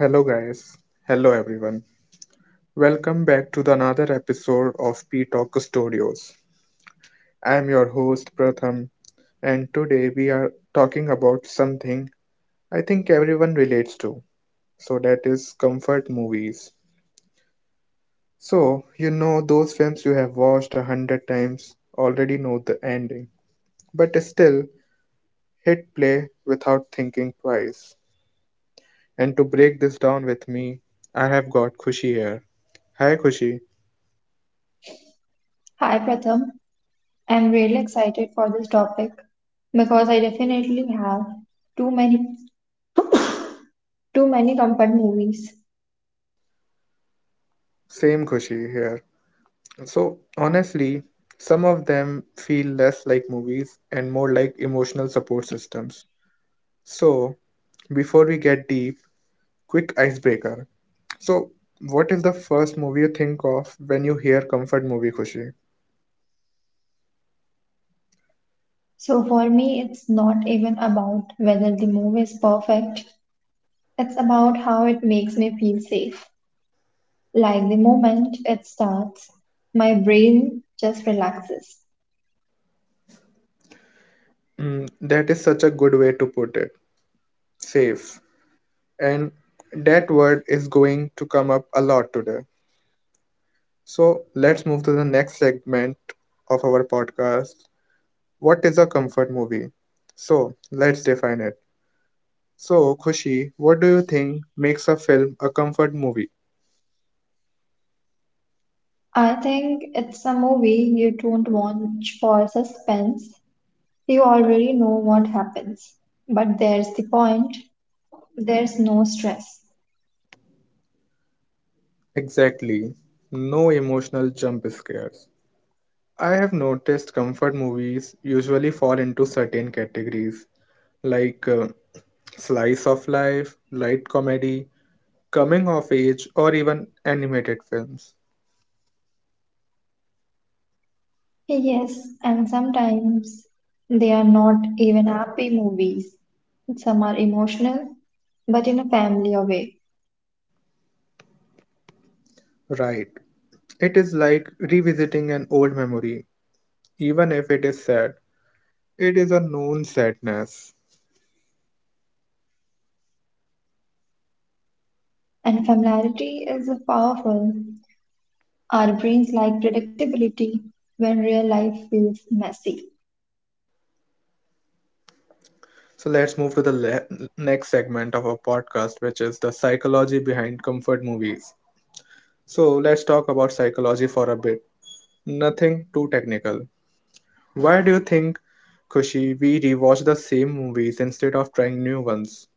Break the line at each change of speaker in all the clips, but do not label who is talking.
Hello, guys. Hello, everyone. Welcome back to the another episode of P Talk Studios. I am your host, Pratham, and today we are talking about something I think everyone relates to. So, that is comfort movies. So, you know those films you have watched 100 times, already know the ending, but still hit play without thinking twice. And to break this down with me, I have got Kushi here. Hi, Kushi.
Hi Pratham, I'm really excited for this topic because I definitely have too many too many comfort movies.
Same Kushi here. So, honestly, some of them feel less like movies and more like emotional support systems. So, before we get deep, quick icebreaker. So, what is the first movie you think of when you hear comfort movie, Khushi?
So for me it's not even about whether the movie is perfect. It's about how it makes me feel safe. Like the moment it starts, my brain just relaxes.
Mm, that is such a good way to put it. Safe. And that word is going to come up a lot today. So, let's move to the next segment of our podcast. What is a comfort movie? So, let's define it. So, Khushi, what do you think makes a film a comfort movie?
I think it's a movie you don't watch for suspense. You already know what happens. But there's the point there's no stress.
Exactly. No emotional jump scares. I have noticed comfort movies usually fall into certain categories like slice of life, light comedy, coming of age, or even animated films.
Yes, and sometimes they are not even happy movies. Some are emotional, but in a familiar way.
Right. It is like revisiting an old memory, even if it is sad. It is a known sadness.
And familiarity is powerful. Our brains like predictability when real life feels messy.
So let's move to the next segment of our podcast, which is the psychology behind comfort movies. So let's talk about psychology for a bit. Nothing too technical. Why do you think, Kushi, we rewatch the same movies instead of trying new ones?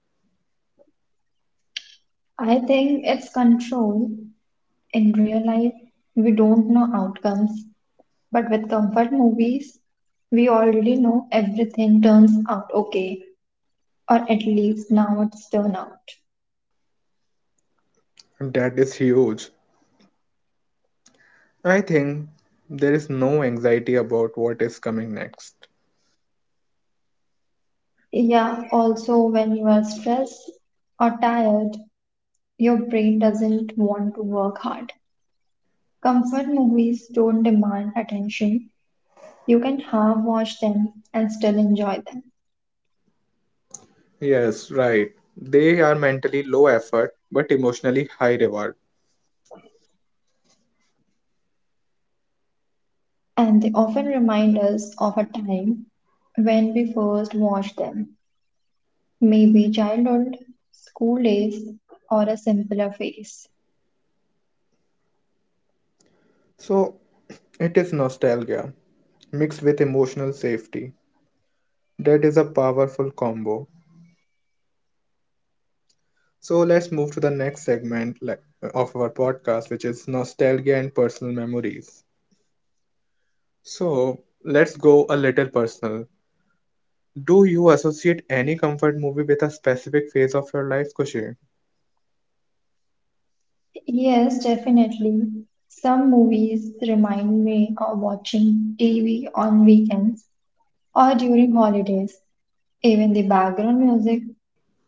I think it's control. In real life, we don't know outcomes, but with comfort movies, we already know everything turns out okay, or at least now it's turned out.
That is huge. I think there is no anxiety about what is coming next.
Yeah, also when you are stressed or tired, your brain doesn't want to work hard. Comfort movies don't demand attention. You can half watch them and still enjoy them.
Yes, right. They are mentally low effort but emotionally high reward.
And they often remind us of a time when we first watched them. Maybe childhood, school days, or a simpler phase.
So it is nostalgia mixed with emotional safety. That is a powerful combo. So let's move to the next segment of our podcast, which is nostalgia and personal memories. So let's go a little personal. Do you associate any comfort movie with a specific phase of your life, Kushi?
Yes, definitely. Some movies remind me of watching TV on weekends or during holidays. Even the background music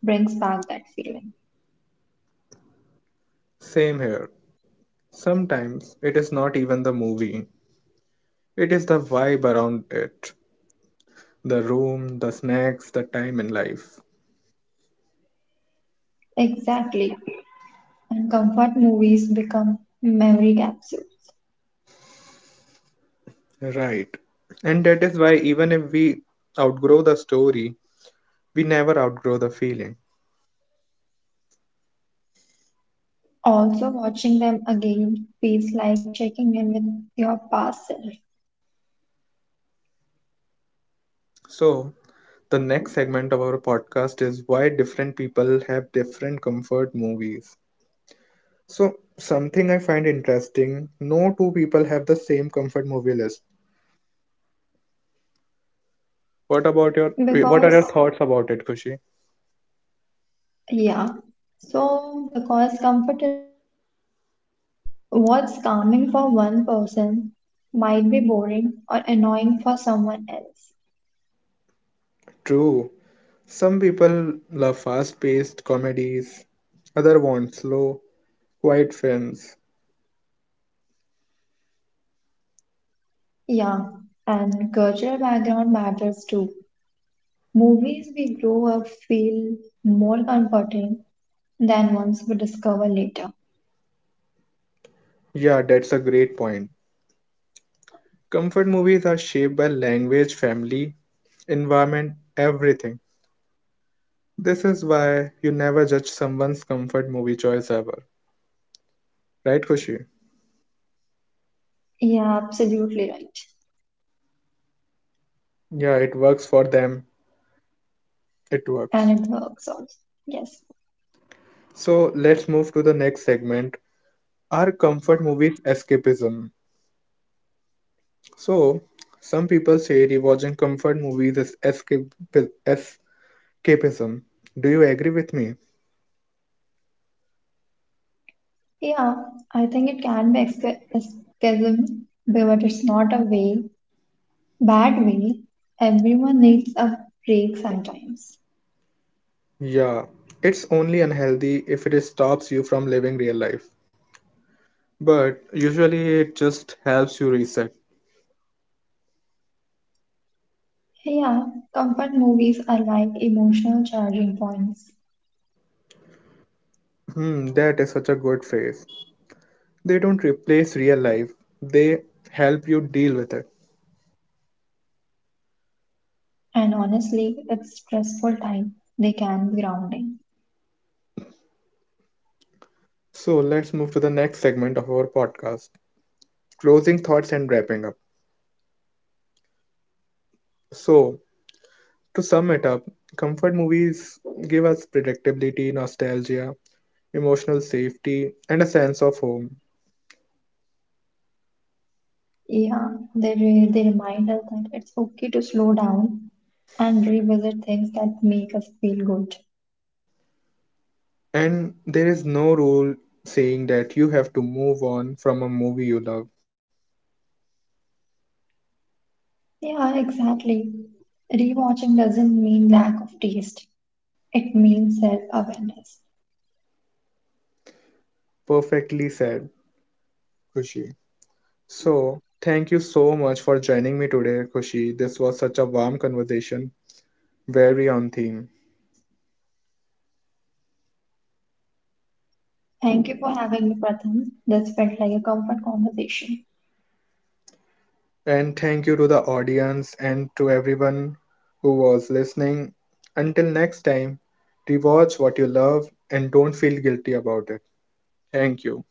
brings back that feeling.
Same here. Sometimes it is not even the movie, it is the vibe around it the room, the snacks, the time in life.
Exactly. And comfort movies become memory capsules.
Right. And that is why, even if we outgrow the story, we never outgrow the feeling.
Also, watching them again feels like checking in with your past self.
So, the next segment of our podcast is why different people have different comfort movies. So, something I find interesting, no two people have the same comfort movie list. What are your
Because,
thoughts about it, Kushi?
yeah, so because comfort is personal, what's calming for one person might be boring or annoying for someone else.
True. Some people love fast-paced comedies, other want slow, quiet films.
Yeah, and cultural background matters too. Movies we grow up feel more comforting than ones we discover later.
Yeah, that's a great point. Comfort movies are shaped by language, family, environment, everything. This is why you never judge someone's comfort movie choice ever. Right, Kushi?
Yeah, absolutely right.
Yeah, it works for them. It works.
And it works also. Yes.
So let's move to the next segment. Are comfort movies escapism? So some people say rewatching comfort movies is escape escapism. Do you agree with me?
Yeah, I think it can be escapism, but it's not a way, bad way. Everyone needs a break sometimes.
Yeah, it's only unhealthy if it stops you from living real life. But usually it just helps you reset.
Yeah, comfort movies are like emotional charging points.
Hmm, that is such a good phrase. They don't replace real life, they help you deal with it.
And honestly, it's stressful time. They can be grounding.
So let's move to the next segment of our podcast closing thoughts and wrapping up. So, to sum it up, comfort movies give us predictability, nostalgia, emotional safety, and a sense of home.
Yeah, they remind us that it's okay to slow down and revisit things that make us feel good.
And there is no rule saying that you have to move on from a movie you love.
Yeah, exactly. Rewatching doesn't mean lack of taste, it means self awareness.
Perfectly said, Kushi. So, thank you so much for joining me today, Kushi. This was such a warm conversation. Very on theme.
Thank you for having me, Pratham. This felt like a comfort conversation.
And thank you to the audience and to everyone who was listening. Until next time, rewatch what you love and don't feel guilty about it. Thank you.